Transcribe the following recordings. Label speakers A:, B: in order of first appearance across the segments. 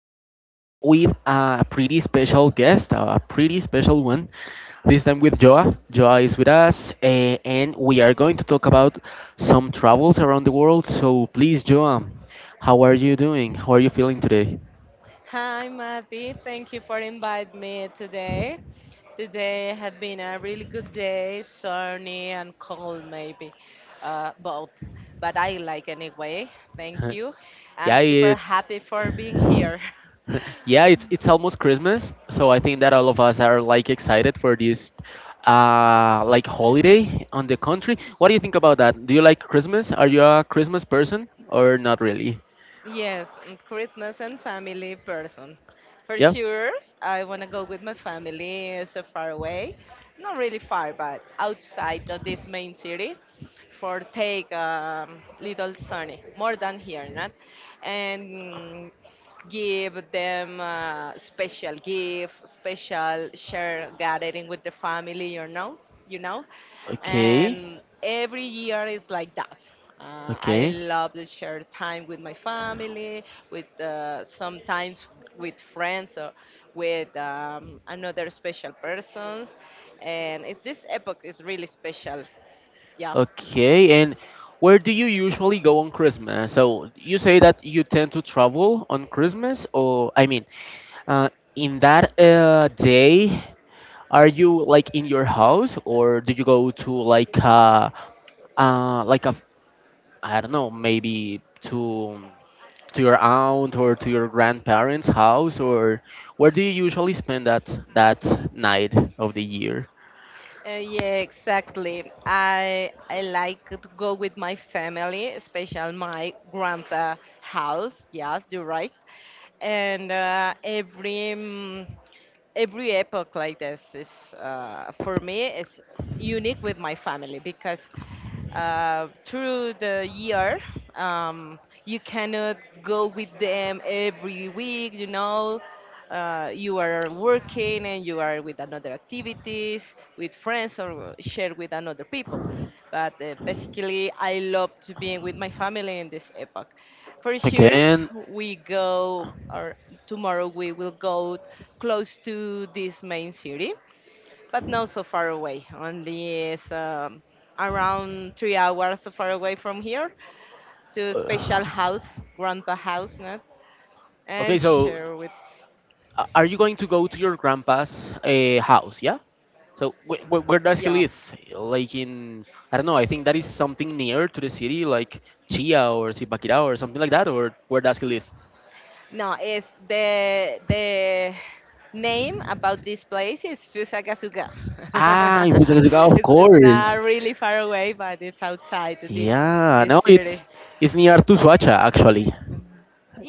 A: time with with a pretty special guest, a pretty special one. This time with Joa. Joa is with us, and we are going to talk about some travels around the world. So please, Joa, how are you doing? How are you feeling today?
B: Hi, Matty. Thank you for inviting me today. Today has been a really good day, sunny and cold, maybe both. But I like anyway. Thank you. I'm
A: Yeah,
B: super
A: it's
B: happy for being here.
A: yeah, it's almost Christmas, so I think that all of us are like excited for this like holiday on the country. What do you think about that? Do you like Christmas? Are you a Christmas person or not really?
B: Yes, and Christmas and family person. For
A: Yeah.
B: sure, I want to go with my family so far away. Not really far, but outside of this main city for take little sunny, more than here, not? And give them a special gift, special share gathering with the family, you know,
A: Okay.
B: and every year is like that. I
A: Okay.
B: love to share time with my family, with sometimes with friends or with another special persons, and this epoch is really special. Yeah.
A: Okay, and where do you usually go on Christmas? So you say that you tend to travel on Christmas, or I mean, uh, in that day, are you like in your house, or do you go to like a I don't know, maybe to to your aunt or to your grandparents' house, or where do you usually spend that night of the year?
B: Yeah, exactly. I like to go with my family, especially my grandpa house. Yes, you're right. And every every epoch like this is for me is unique with my family because through the year um, you cannot go with them every week you are working and you are with another activities with friends or share with another people, but basically, I love to be with my family in this epoch. For sure,
A: Okay.
B: we go, or tomorrow we will go close to this main city, but not so far away. Only is around 3 hours so far away from here to special
A: Uh.
B: house, grandpa house, no?
A: Okay,
B: And
A: so
B: share with.
A: are you going to go to your grandpa's house? Yeah. So wh wh where does he
B: Yeah.
A: live? Like in I don't know. I think that is something near to the city, like Chia or Zipaquirá or something like that. Or where does he live?
B: No, it's the name about this place is Fusagasuga.
A: Ah, in Fusagasugá, of
B: It's not
A: course.
B: really far away, but it's outside this
A: Yeah.
B: this
A: No,
B: city.
A: it's near to Suacha actually.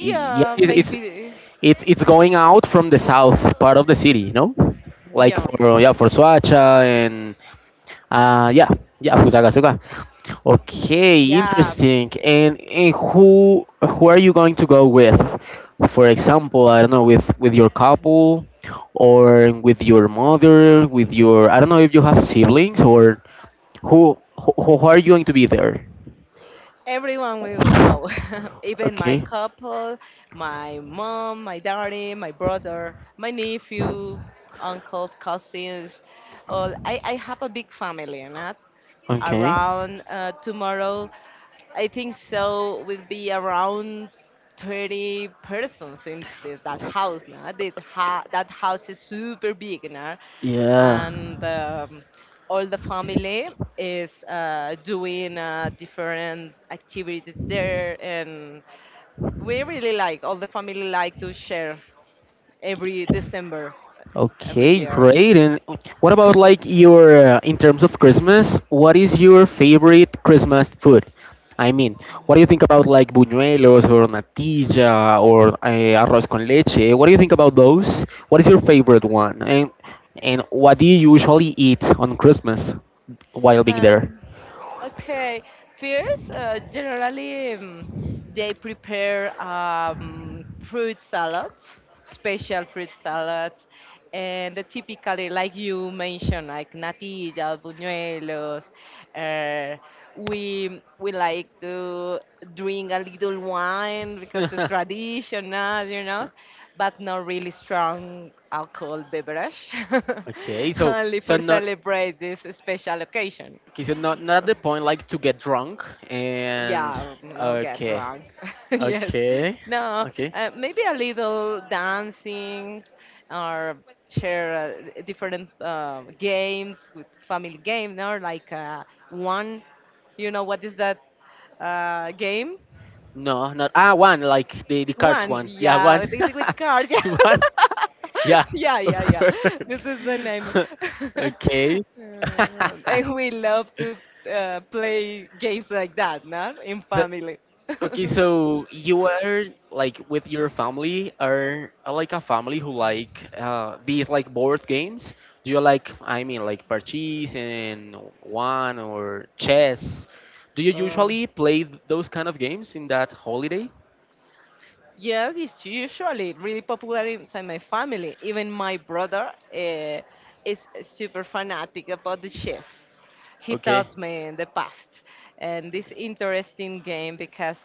A: Yeah,
B: maybe.
A: it's going out from the south part of the city. No, like
B: Yeah,
A: for yeah for Suacha. Yeah, yeah, Fusagasugá. Okay,
B: yeah.
A: interesting. And who are you going to go with? For example, I don't know, with your couple, or with your mother, with your I don't know if you have siblings or who are you going to be there?
B: Everyone will go, even my
A: Okay.
B: couple, my mom, my daddy, my brother, my nephew, uncles, cousins. I have a big family, not.
A: Okay.
B: Around tomorrow, I think so. Will be around 30 persons in that house now. That house is super big now,
A: Yeah.
B: and all the family is doing different activities there, and we really like all the family like to share every December every
A: Okay,
B: year.
A: great. And what about like your in terms of Christmas? What is your favorite Christmas food? I mean, what do you think about like buñuelos or natilla or arroz con leche? What do you think about those? What is your favorite one? And what do you usually eat on Christmas while being there?
B: Um, Okay, first, generally they prepare fruit salads, special fruit salads, and the typically, like you mentioned, like natilla, buñuelos. Uh, we like to drink a little wine because it's traditional, but not really strong alcohol beverage,
A: Okay, so
B: only
A: so
B: for
A: not.
B: celebrate this special occasion.
A: Okay, so not not at the point like to get drunk and
B: Yeah, no get
A: okay,
B: drunk. Yes.
A: okay,
B: No,
A: okay.
B: maybe a little dancing or share different games with family game or like one, you know, what is that game?
A: No, not ah one like the cards
B: One,
A: one. Yeah,
B: yeah,
A: one,
B: with, cards.
A: one. Yeah,
B: Yeah,
A: of
B: yeah, yeah. This
A: course.
B: is the name.
A: okay.
B: And we love to play games like that, no? In
A: So,
B: family.
A: okay, so you are like with your family are like a family who like these like board games. Do you like I mean like parchees and one or chess? Do you usually play those kind of games in that holiday?
B: Yes, it's usually really popular inside my family. Even my brother is super fanatic about the chess. He
A: Okay.
B: taught me in the past. And this interesting game because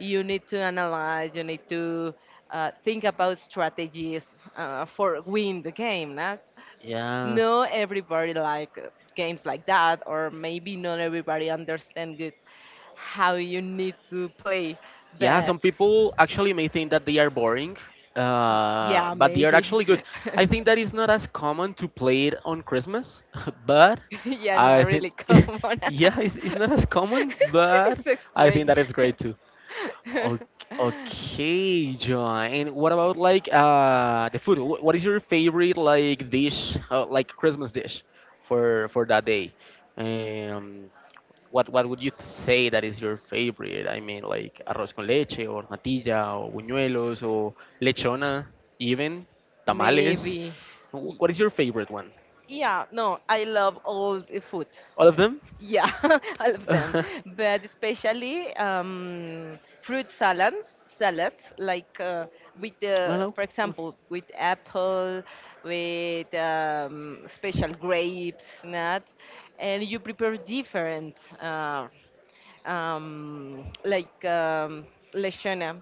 B: you need to analyze, you need to think about strategies for win the game, Not?
A: Yeah.
B: Not everybody like games like that, or maybe not everybody understand good how you need to play.
A: Yeah,
B: But
A: some people actually may think that they are boring,
B: yeah,
A: but they are
B: maybe.
A: actually good. I think that is not as common to play it on Christmas, but
B: Yeah, no,
A: I
B: really,
A: think,
B: come on.
A: yeah, it's not as common, but
B: It's
A: I think
B: extreme.
A: that it's great too. O- okay, John. And what about like the food? What is your favorite like dish, like Christmas dish, for that day? Um, what would you say that is your favorite? I mean, like arroz con leche or natilla or buñuelos or lechona, even tamales.
B: Maybe. Y-
A: What is your favorite one?
B: Yeah, no, I love all the food.
A: All of them?
B: Yeah, all of them, but especially fruit salads, salads like with the,
A: Hello?
B: for
A: For what's...
B: example, with apple, with special grapes, nut, and you prepare different, uh, like lechona,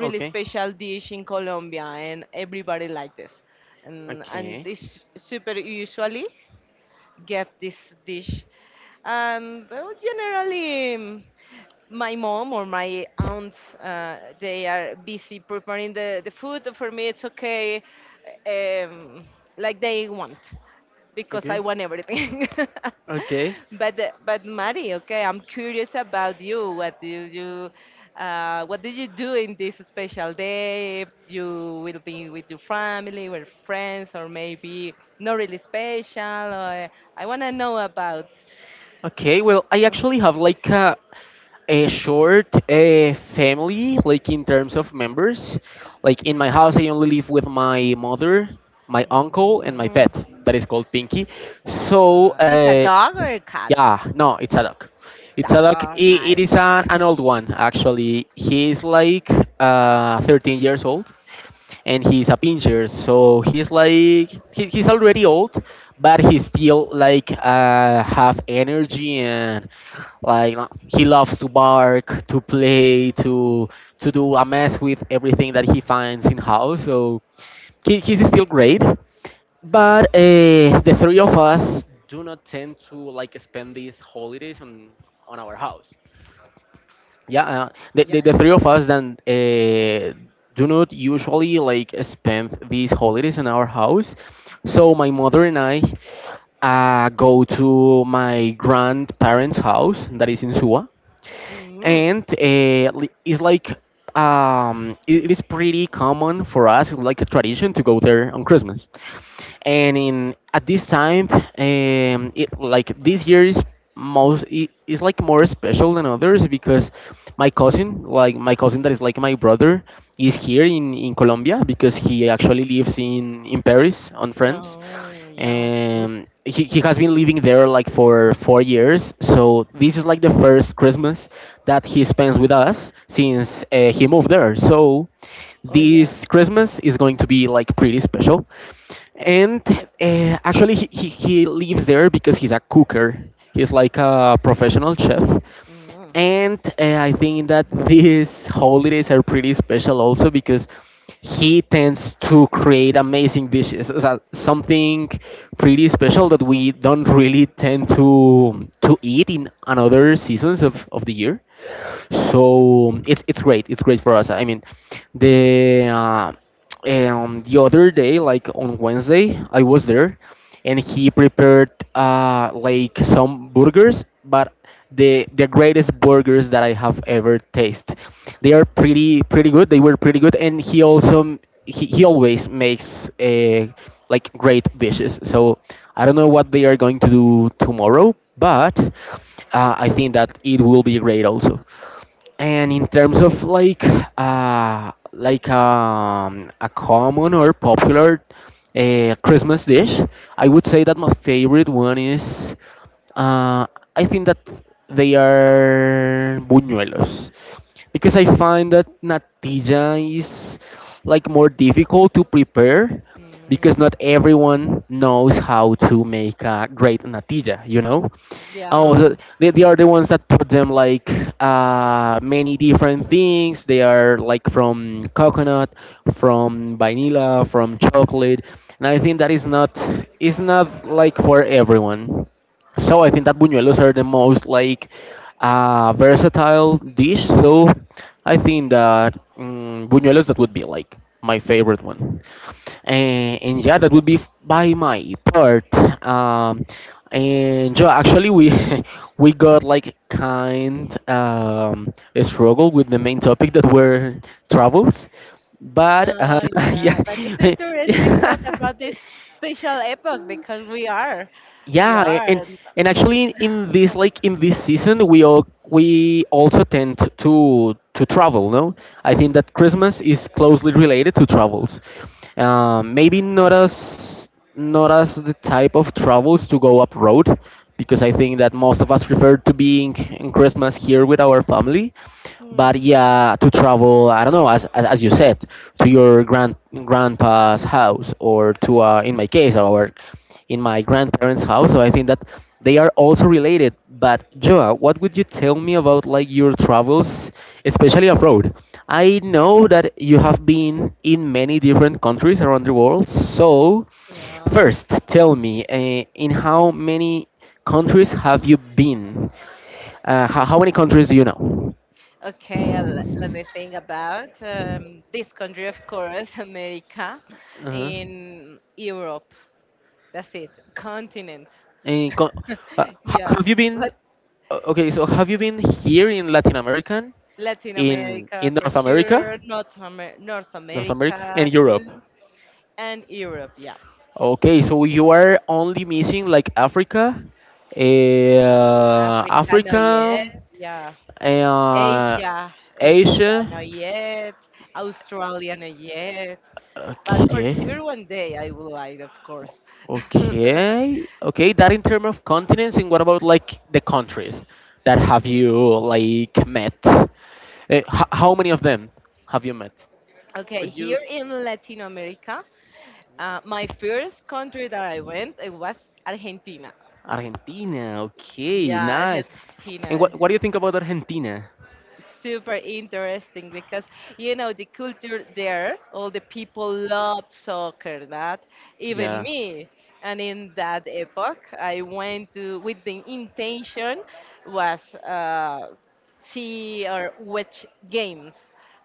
A: Uh. Okay.
B: special dish in Colombia, and everybody like this, and
A: Okay.
B: it's super usually get this dish. And well, generally, my mom or my aunts, they are busy preparing the food. For me, it's okay, um, like they want because I
A: Okay.
B: want everything.
A: Okay.
B: But Mari, okay, I'm curious about you. What do you do in this special day? If you will be with your family, with friends, or maybe not really special. Or I want to know about.
A: Okay, well, I
B: Yeah.
A: actually have like a short family, like in terms of members. Like in my house, I only live with my mother, my uncle, and my pet
B: Mm.
A: that is called Pinky. So,
B: Is a dog or a cat?
A: yeah, no, it's a dog. It's a
B: Dog.
A: dog.
B: Oh,
A: It
B: nice.
A: is an old one, actually. He is like 13 years old and he's a pincher, so he's like he's already old, but he still like have energy and like he loves to bark, to play, to do a mess with everything that he finds in house. So he's still great, but the three of us do not tend to like spend these holidays on our house yeah,
B: Yeah,
A: the
B: yeah.
A: three of us then do not usually like spend these holidays in our house. So
B: Mm.
A: my mother and I go to my grandparents' house that is in Suwa
B: Mm.
A: and it's like it is pretty common for us. It's like a tradition to go there on Christmas, and in at this time, it like this year is is like more special than others because my cousin, like my cousin that is like my brother, is here in Colombia because he actually lives in Paris on France
B: No, yeah. Good.
A: and he has been living there like for 4 years, so this is like the first Christmas that he spends with us since he moved there, so
B: Oh, yeah.
A: this Christmas is going to be like pretty special. And actually he lives there because he's a cooker, he's like a professional chef,
B: Mm.
A: and I think that these holidays are pretty special also because he tends to create amazing dishes. So something pretty
B: Mhm.
A: special that we don't really tend to eat in another seasons of the year. So it's great. It's great for us. I mean, the uh, the other day, like on Wednesday, I was there, and he prepared like some burgers, but the greatest burgers that I have ever tasted. They are pretty pretty good. They were pretty good, and he also he always makes like great dishes. So I don't know what they are going to do tomorrow, but I think that it will be great also. And in terms of like a common or popular Christmas dish, I would say that my favorite one is uh, I think that they are buñuelos because I find that Natija is like more difficult to prepare because
B: Mm,
A: not everyone knows how to make a great Natija, you know? Oh,
B: yeah.
A: so they are the ones that put them like many different things. They are like from coconut, from vanilla, from chocolate, and I think that is not like for everyone. So I think that buñuelos are the most like versatile dish. So I think that mm buñuelos that would be like my favorite one. And yeah, that would be by my part. Um, and yeah, actually we we got like kind a struggle with the main topic that were travels, but
B: Oh, yeah.
A: yeah.
B: But it's interesting talk about this special epoch because we are, we
A: Yeah,
B: are.
A: and actually in this like in this season we all we also tend to travel, no? I think that Christmas is closely related to travels. Um, maybe not as not as the type of travels to go abroad because I think that most of us prefer to being in Christmas here with our family,
B: Mm,
A: but yeah, to travel, I don't know, as you said to your grandpa's house or to in my case our in my grandparents' house. So I think that they are also related. But Joa, what would you tell me about like your travels, especially abroad? I know that you have been in many different countries around the world. So
B: yeah.
A: first, tell me, in how many countries have you been? How many countries do you know?
B: Okay. Let me think about this country, of course, America,
A: Uh-huh.
B: in Europe. That's it. Continent.
A: And
B: Yeah.
A: have you been okay? So have you been here in Latin American,
B: Latin America
A: in
B: for
A: North America,
B: sure, North
A: North America, and
B: America too,
A: Europe?
B: and Europe, yeah.
A: Okay, so you are only missing like Africa,
B: Africa, not yet.
A: Africa,
B: Yeah.
A: uh,
B: Asia,
A: Asia.
B: not yet. Australia, not yet. But for
A: Okay.
B: sure, one day I will like, of course.
A: Okay, okay, that in terms of continents, and what about like the countries that have you like met? How many of them have you met?
B: Okay,
A: Could you?
B: here in Latin America, my first country that I went, it was Argentina.
A: Argentina, okay,
B: Yeah,
A: nice. And
B: Argentina.
A: what do you think about Argentina?
B: Super interesting because you know the culture there, all the people loved soccer, not even
A: Yeah.
B: me. And in that epoch, I went to with the intention was see or watch games,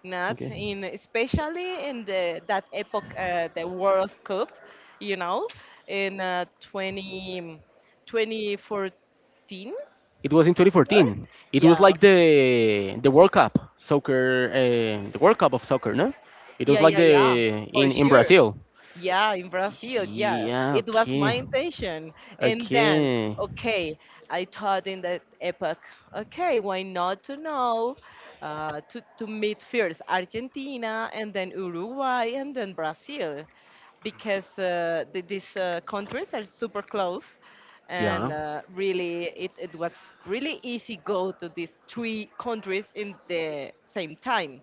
B: not.
A: Okay.
B: In especially in the that epoch, the World Cup, you know, in 20 2014.
A: It was in 2014. It
B: Yeah,
A: was
B: yeah,
A: like the World Cup soccer, the World Cup of soccer, no? It was
B: yeah,
A: like
B: yeah,
A: the
B: yeah, for
A: in
B: sure.
A: Brazil.
B: Yeah, in Brazil, yeah.
A: Yeah.
B: It was
A: Okay.
B: my intention. And then,
A: Okay.
B: okay, I thought in that epoch, okay, why not to know, to meet first Argentina and then Uruguay and then Brazil, because these countries are super close. And
A: Yeah.
B: really, it was really easy go to these three countries in the same time,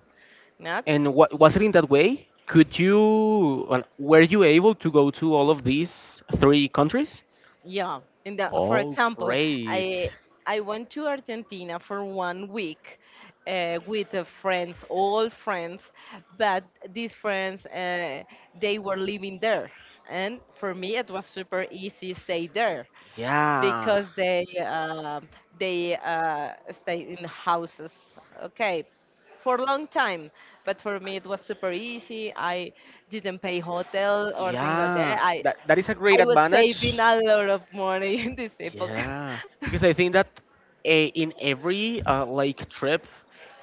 B: not?
A: And what was it in that way? Could you well, were you able to go to all of these three countries?
B: Yeah, in the for
A: Oh,
B: example,
A: great.
B: I I went to Argentina for one week with friends, all friends, but these friends they were living there, and for me it was super easy stay there
A: Yeah.
B: because they stay in houses. Okay, for a long time, but for me it was super easy. I didn't pay hotel or things like
A: Yeah.
B: that. i
A: That that is a great
B: I was saving
A: advantage.
B: a lot of money in this epoch.
A: Yeah, because I think that in every like trip,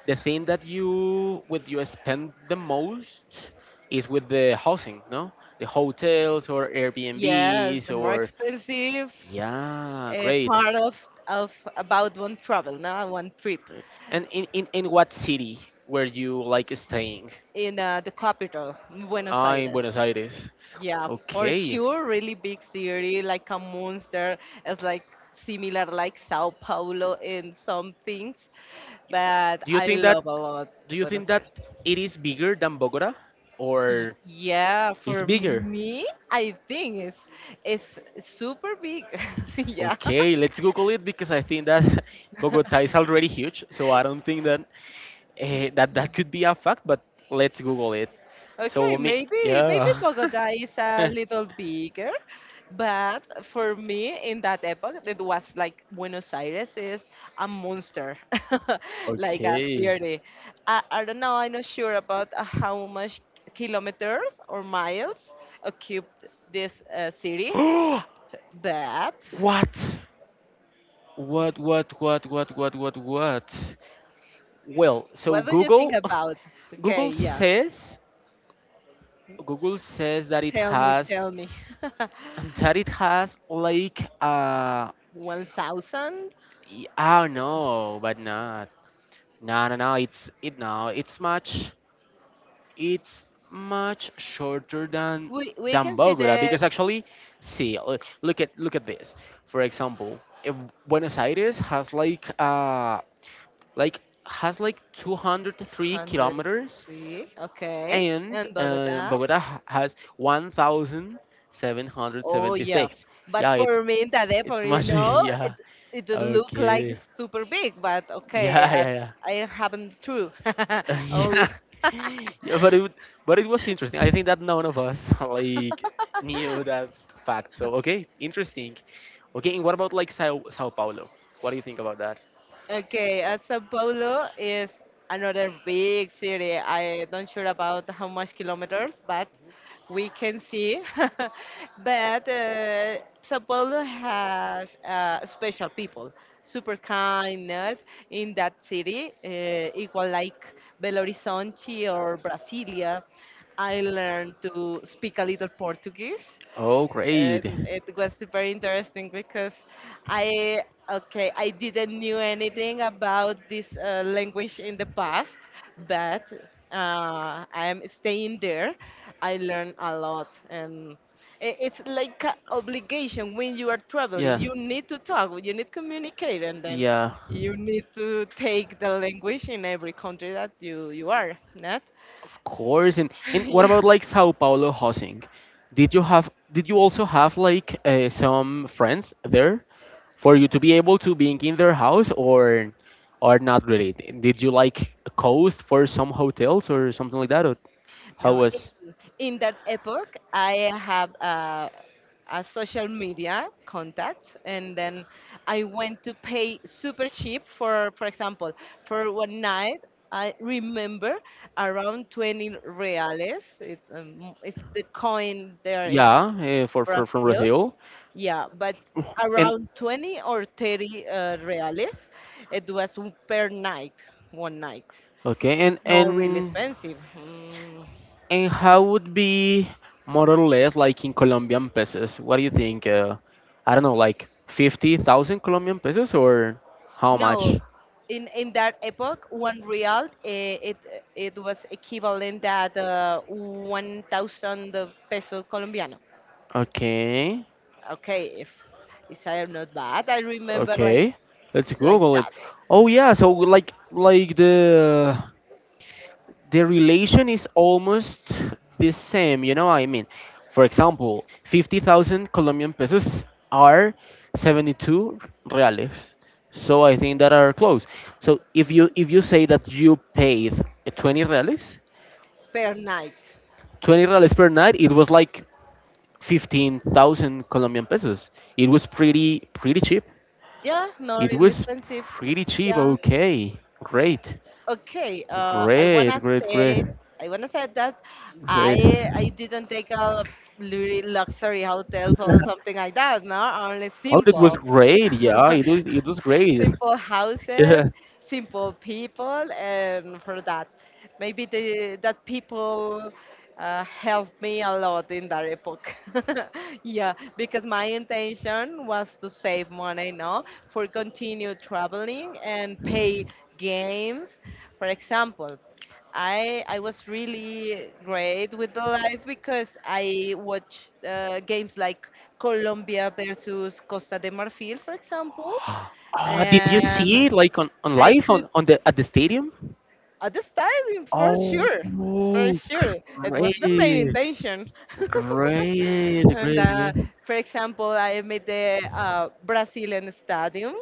A: the thing that you with you spend the most is with the housing, no? The hotels or
B: Yes,
A: Airbnbs
B: the more
A: or
B: expensive
A: yeah, great.
B: part of about one travel, now one trip
A: Great. And in what city were you like staying?
B: in the capital, Buenos
A: Ah, in
B: Aires.
A: Buenos Aires.
B: Yeah, for
A: Okay.
B: sure, really big city like a monster. It's like similar like Sao Paulo in some things, but
A: Do you
B: I
A: think that
B: love a lot
A: do you
B: Buenos
A: think that
B: Aires.
A: it is bigger than Bogota or
B: Yeah,
A: it's
B: for
A: bigger?
B: me, I think it's super big. Yeah.
A: Okay, let's Google it because I think that Bogota is already huge, so I don't think that that that could be a fact. But let's Google it. So
B: Okay,
A: me,
B: maybe
A: yeah.
B: Bogota is a little bigger, but for me in that epoch it was like Buenos Aires is a monster, like a
A: Okay.
B: city. I don't know. I'm not sure about how much kilometers or miles occupied this city,
A: What?
B: but
A: What? What? What? What? What? What? What? Well, so
B: what do you think
A: Google,
B: about? Okay,
A: Google
B: yeah.
A: says, Google says
B: Tell me, tell me.
A: that it has like uh,
B: 1,000?
A: I I don't know, but not. No, no, no. It's it. No, it's much. It's much shorter
B: We
A: than
B: can see
A: Bogota
B: the
A: because actually, see, look at this. For example, if Buenos Aires has like has like 203 kilometers,
B: 203. Okay.
A: and
B: And Bogota.
A: Bogota has
B: Oh yeah,
A: 1,776.
B: but
A: Yeah,
B: for me in Tadepo,
A: it's
B: you
A: much
B: know,
A: bigger. Yeah.
B: it did look like
A: Okay.
B: super big, but okay,
A: Yeah,
B: I,
A: yeah, yeah.
B: I haven't true. Oh,
A: yeah. yeah, but it was interesting. I think that none of us like knew that fact. So okay, interesting. Okay, and what about like Sao Paulo? What do you think about that?
B: okay, Sao Paulo is another big city. I don't sure about how much kilometers, but we can see. But Sao Paulo has special people, super kind, not? In that city, equal like Belo Horizonte or Brasilia. I learned to speak a little Portuguese,
A: Oh,
B: and
A: great.
B: it was super interesting because I okay, I didn't knew anything about this language in the past, but I am staying there. I learn a lot, and it's like a obligation when you are traveling.
A: Yeah,
B: You need to talk, you need communicate, and then
A: yeah.
B: you need to take the language in every country that you are, not?
A: Of course, and and what
B: Yeah.
A: about like Sao Paulo housing? Did you also have like some friends there for you to be able to being in their house or not really? Did you like coast for some hotels or something like that? Or how
B: No,
A: was
B: in that epoch, I have a social media contact, and then I went to pay super cheap for example, for one night. I remember around 20 reales. It's the coin there in
A: yeah, for from
B: Brazil.
A: Brazil?
B: Yeah, but
A: And
B: around 20 or 30 reales. It was per night, one night.
A: okay, and
B: Not really
A: and
B: expensive. Mm.
A: and how would be more or less like in Colombian pesos? What do you think? I don't know, like 50,000 Colombian pesos or how much?
B: No, in that epoch, one real it was equivalent at 1,000 peso colombiano.
A: Okay.
B: Okay, if I am not bad, I remember
A: Okay. Let's
B: like
A: Google it.
B: that
A: Oh yeah, so like the relation is almost the same. You know what I mean? For example, 50,000 Colombian pesos are 72 reales. So I think that are close. So if you say that you paid 20 reales,
B: per night.
A: 20 reales per night, it was like 15,000 Colombian pesos. It was pretty pretty cheap.
B: Yeah, not
A: It
B: really
A: was
B: expensive.
A: pretty cheap.
B: Yeah.
A: Okay. Great.
B: Okay.
A: Great, great, great.
B: I wanna say that
A: Great.
B: I didn't take a luxury hotels or something like that. No, only
A: Oh, it was
B: simple.
A: great. Yeah, it was great.
B: Simple houses,
A: Yeah.
B: simple people, and for that, maybe the that people helped me a lot in that epoch. Yeah, because my intention was to save money, no, for continue traveling and pay games, for example. I was really great with the life because I watched games like Colombia versus Costa de Marfil, for example,
A: Oh, did you
B: and
A: see it like on
B: I
A: live
B: could
A: on the at the stadium?
B: at the time for
A: Oh,
B: sure, for
A: great,
B: sure. It was the main intention.
A: great,
B: And
A: great, great.
B: for example, I made the Brazilian stadium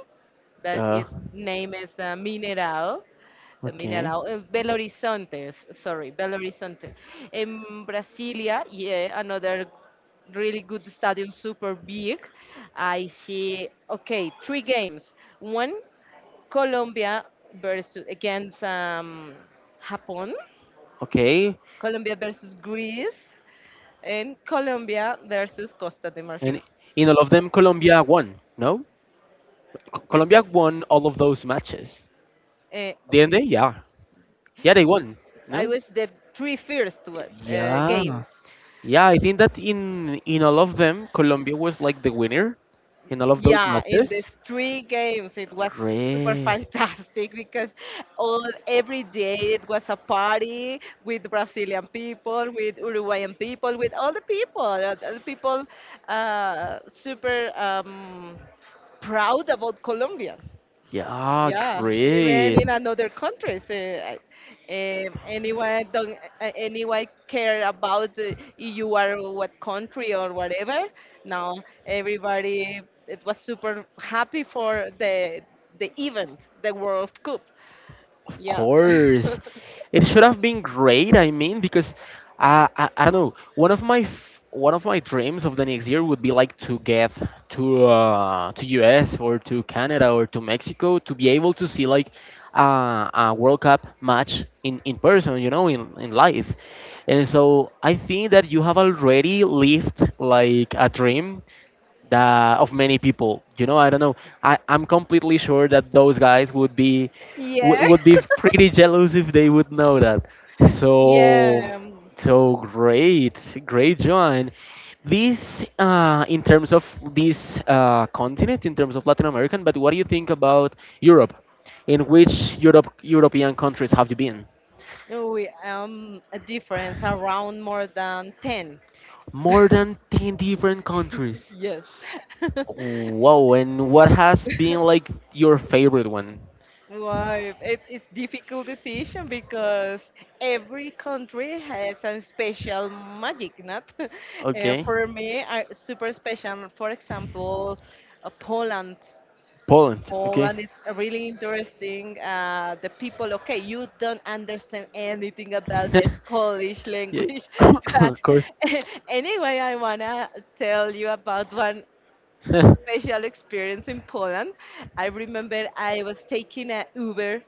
B: that
A: Yeah.
B: it name is Mineral. The
A: Okay.
B: mineral, Belo Horizonte, sorry, Belo Horizonte. In Brasilia, yeah, another really good stadium, super big. I see, okay, three games. One Colombia versus against Japan,
A: Okay.
B: Colombia versus Greece, and Colombia versus Costa de Marfil.
A: And in all of them, Colombia won. No, Colombia won all of those matches.
B: Eh, um,
A: Didn't they? Yeah. Yeah, they won.
B: I
A: No?
B: was the three first
A: Yeah.
B: games.
A: Yeah, I think that in all of them, Colombia was like the winner in all of those
B: Yeah, in
A: matches.
B: these three games, it was super
A: Great.
B: fantastic because all every day it was a party with Brazilian people, with Uruguayan people, with all the people. The people super proud about Colombia.
A: Yeah,
B: Yeah, even
A: great.
B: in another countries, anyone don't anyone care about you are what country or whatever. Now everybody it was super happy for the event, the World Cup.
A: Of
B: Yeah,
A: course, it should have been great. I mean, because I don't know, one of my one of my dreams of the next year would be like to get to US or to Canada or to Mexico to be able to see like a World Cup match in person, you know, in life. And so I think that you have already lived like a dream that of many people. You know, I don't know. I'm completely sure that those guys would be
B: yeah,
A: would be pretty jealous if they would know that. So
B: yeah.
A: so great, great John. This in terms of this continent, in terms of Latin American, but what do you think about Europe? In which European countries have you been?
B: No, we a difference around more than ten.
A: More than 10 different countries.
B: Yes.
A: Whoa, and what has been like your favorite one?
B: Right. It's difficult decision because every country has some special magic, not?
A: Okay.
B: For me, I, super special. For example, Poland.
A: Poland. Okay.
B: Poland is really interesting. The people, okay, you don't understand anything about this Polish
A: yeah.
B: language,
A: of
B: but
A: course.
B: anyway, I wanna tell you about one special experience in Poland. I remember I was taking a Uber,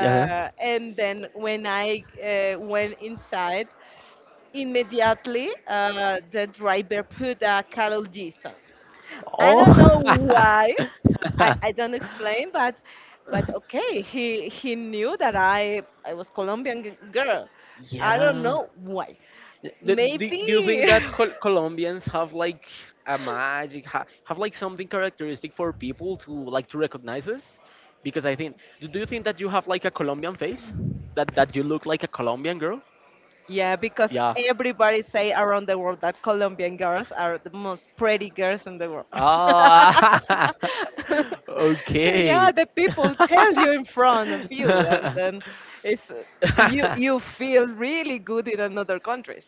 A: yeah.
B: and then when I went inside, immediately the driver put a Carol G song. I
A: Oh.
B: don't know why. I,
A: Explain.
B: I don't explain,
A: Okay,
B: but okay, he knew that I was Colombian g-
A: I.
B: girl. I don't
A: Yeah. Was.
B: know why.
A: Do, they do, do you
B: Maybe
A: think care that Col Colombians have like a magic, ha have like something characteristic for people to like to recognize us? Because I think, do, do you think that you have like a Colombian face? That that you look like a Colombian girl?
B: yeah, because
A: Yeah.
B: everybody say around the world that Colombian girls are the most pretty girls in the world.
A: Oh, okay.
B: Yeah, the people tell you in front of you, and then it's you you feel really good in another countries.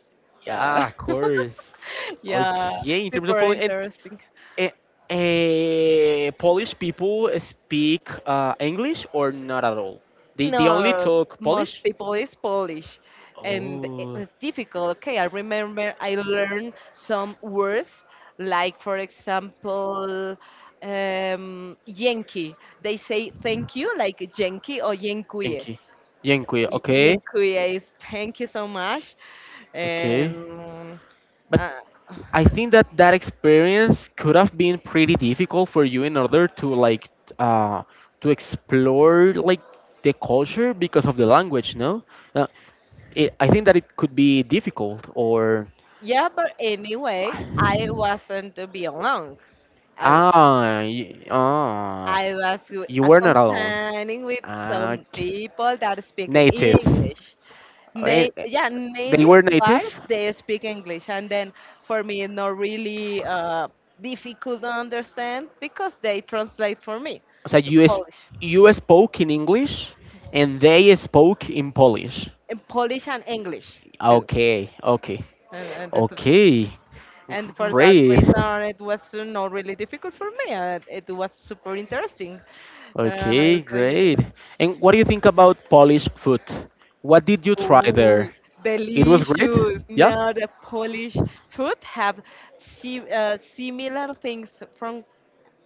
B: Uh,
A: Yeah, of course.
B: yeah,
A: Okay, in terms of
B: super
A: Poland,
B: interesting.
A: and Polish people speak English or not at all? They only
B: No,
A: talk
B: most
A: Polish?
B: people is Polish, and
A: Oh,
B: it's difficult. Okay, I remember I learned some words, like for example, Yankee. They say thank you, like Yankee or Yankuje.
A: Yankee. Yankee,
B: Y-
A: okay,
B: Yankuje is thank you so much,
A: okay.
B: and
A: But
B: uh,
A: I think that that experience could have been pretty difficult for you in order to like uh to explore like the culture because of the language, no? Uh, I think that it could be difficult or
B: yeah. But anyway, I wasn't to be alone.
A: ah
B: I was
A: you were not alone.
B: accompanying with
A: Uh,
B: some people that speak in
A: native.
B: English.
A: And eh,
B: Yeah,
A: they
B: native,
A: were native.
B: but they speak English. And then for me, it's not really difficult to understand because they translate for me
A: So
B: the Polish,
A: you spoke in English and they spoke in Polish.
B: in Polish and English too.
A: Okay, okay,
B: And, and, that,
A: okay.
B: and for that
A: Great.
B: reason, it was not really difficult for me. It was super interesting. Uh,
A: Okay,
B: so, yeah.
A: great. And what do you think about Polish food? What did you try
B: Oh,
A: there? It was great?
B: delicious.
A: Yeah?
B: Now the Polish food have si similar things from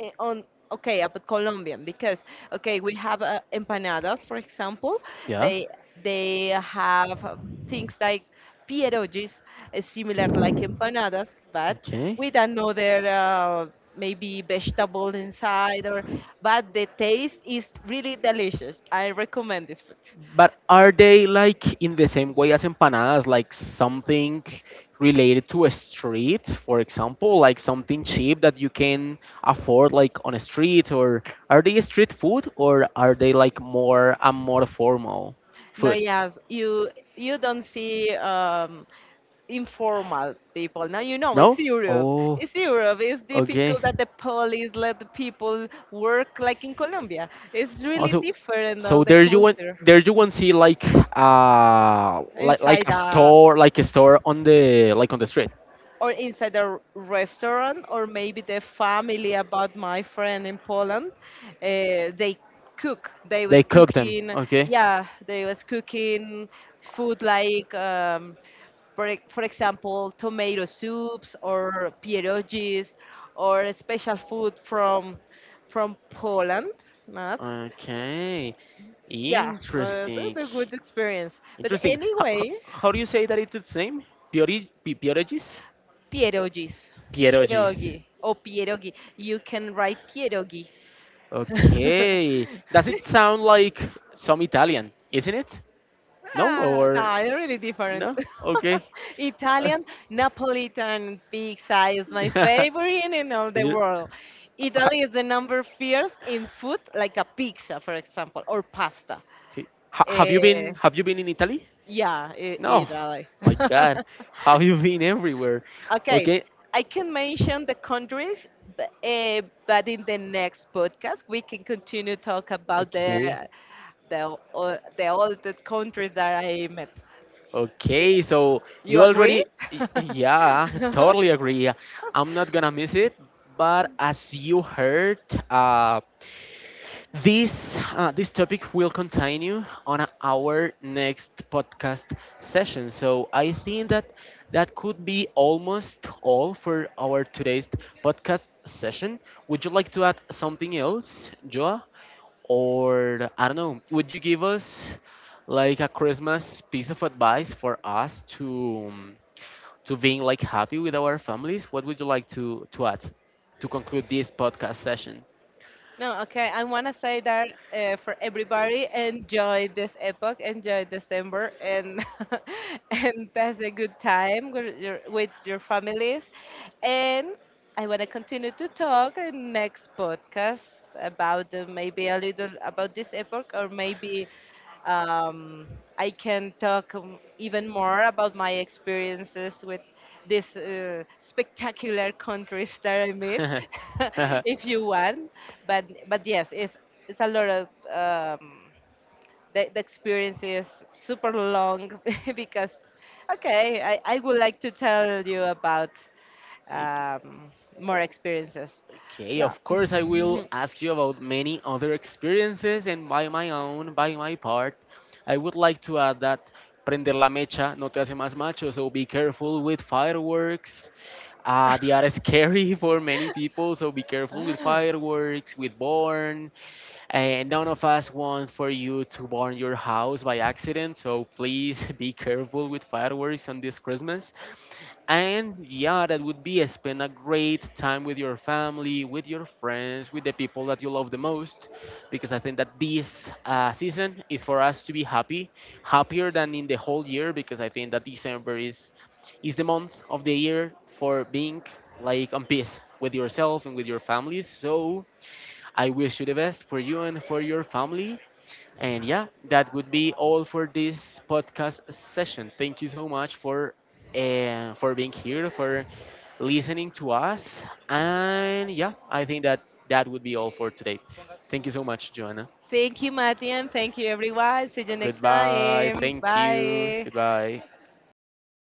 B: eh, on okay about Colombian because okay we have empanadas, for example.
A: Yeah.
B: They have things like pierogies, similar like empanadas but
A: Okay.
B: with another maybe vegetable inside, or but the taste is really delicious. I recommend this food.
A: But are they like in the same way as empanadas, like something related to a street, for example, like something cheap that you can afford like on a street, or are they street food or are they like more formal
B: No,
A: food?
B: yes, you don't see informal people. Now you know
A: No?
B: it's Europe.
A: Oh,
B: It's Europe. It's
A: okay.
B: difficult that the police let the people work like in Colombia. It's really
A: Also,
B: different
A: so
B: of the culture
A: there you won't see
B: inside.
A: like a store on the like on the street.
B: Or inside a restaurant, or maybe the family about my friend in Poland, they cook they
A: They
B: was
A: cook them.
B: cooking,
A: Okay.
B: yeah they was cooking food like for, for example tomato soups or pierogies, or a special food from Poland, not?
A: Okay.
B: Yeah, uh, the,
A: Interesting.
B: the good experience, but
A: Interesting.
B: anyway.
A: How do you say that it's its name? Piori, pierogis?
B: Pierogies.
A: Pierogis.
B: Pierogi. Oh, pierogi. You can write pierogi.
A: Okay. Does it sound like some Italian? Isn't it? No
B: Ah, no,
A: or
B: it's really different.
A: no? Okay. Uh,
B: Italian, Napolitan pizza is my
A: Yeah.
B: favorite in all the
A: You-
B: world. Italy is the number fierce in food, like a pizza, for example, or pasta.
A: Okay.
B: Eh,
A: Have you been in Italy?
B: yeah,
A: No.
B: Italy.
A: My God. Have you been everywhere?
B: Okay,
A: Okay.
B: I can mention the countries, but, uh, but in the next podcast we can continue talk about
A: Okay.
B: the all the countries that I met. Y-
A: Okay. So
B: You
A: you
B: agree?
A: already yeah, totally agree. I'm not gonna miss it. But as you heard, uh this this topic will continue on our next podcast session. So I think that that could be almost all for our today's podcast session. Would you like to add something else, Joa? Or I don't know, would you give us like a Christmas piece of advice for us to being like happy with our families? What would you like to add to conclude this podcast session?
B: No, okay. I want to say that for everybody, enjoy this epoch, enjoy December, and and pass a good time with with your families. And I want to continue to talk in next podcast about maybe a little about this epoch, or maybe um, I can talk even more about my experiences with these spectacular countries that I met,
A: Ok-
B: if you want. But yes, it's a lot of the experience is super long because okay, I would like to tell you about um, more experiences.
A: okay,
B: Yeah.
A: of course, I will ask you about many other experiences, and by my own, by my part, I would like to add that prender la mecha no te hace más macho, so be careful with fireworks. They are scary for many people, so be careful with
B: Ah.
A: fireworks, with born, and none of us want for you to burn your house by accident, so please be careful with fireworks on this Christmas. And yeah, that would be spend a great time with your family, with your friends, with the people that you love the most, because I think that this season is for us to be happy, happier than in the whole year, because I think that December is the month of the year for being like on peace with yourself and with your families. So I wish you the best for you and for your family. And yeah, that would be all for this podcast session. Thank you so much for being here, for listening to us. And yeah, I think that that would be all for today. Thank you so much, Joanna.
B: Thank you, Matthew, and thank you, everyone. See you next
A: Goodbye.
B: time.
A: Thank you.
B: Bye.
A: Goodbye.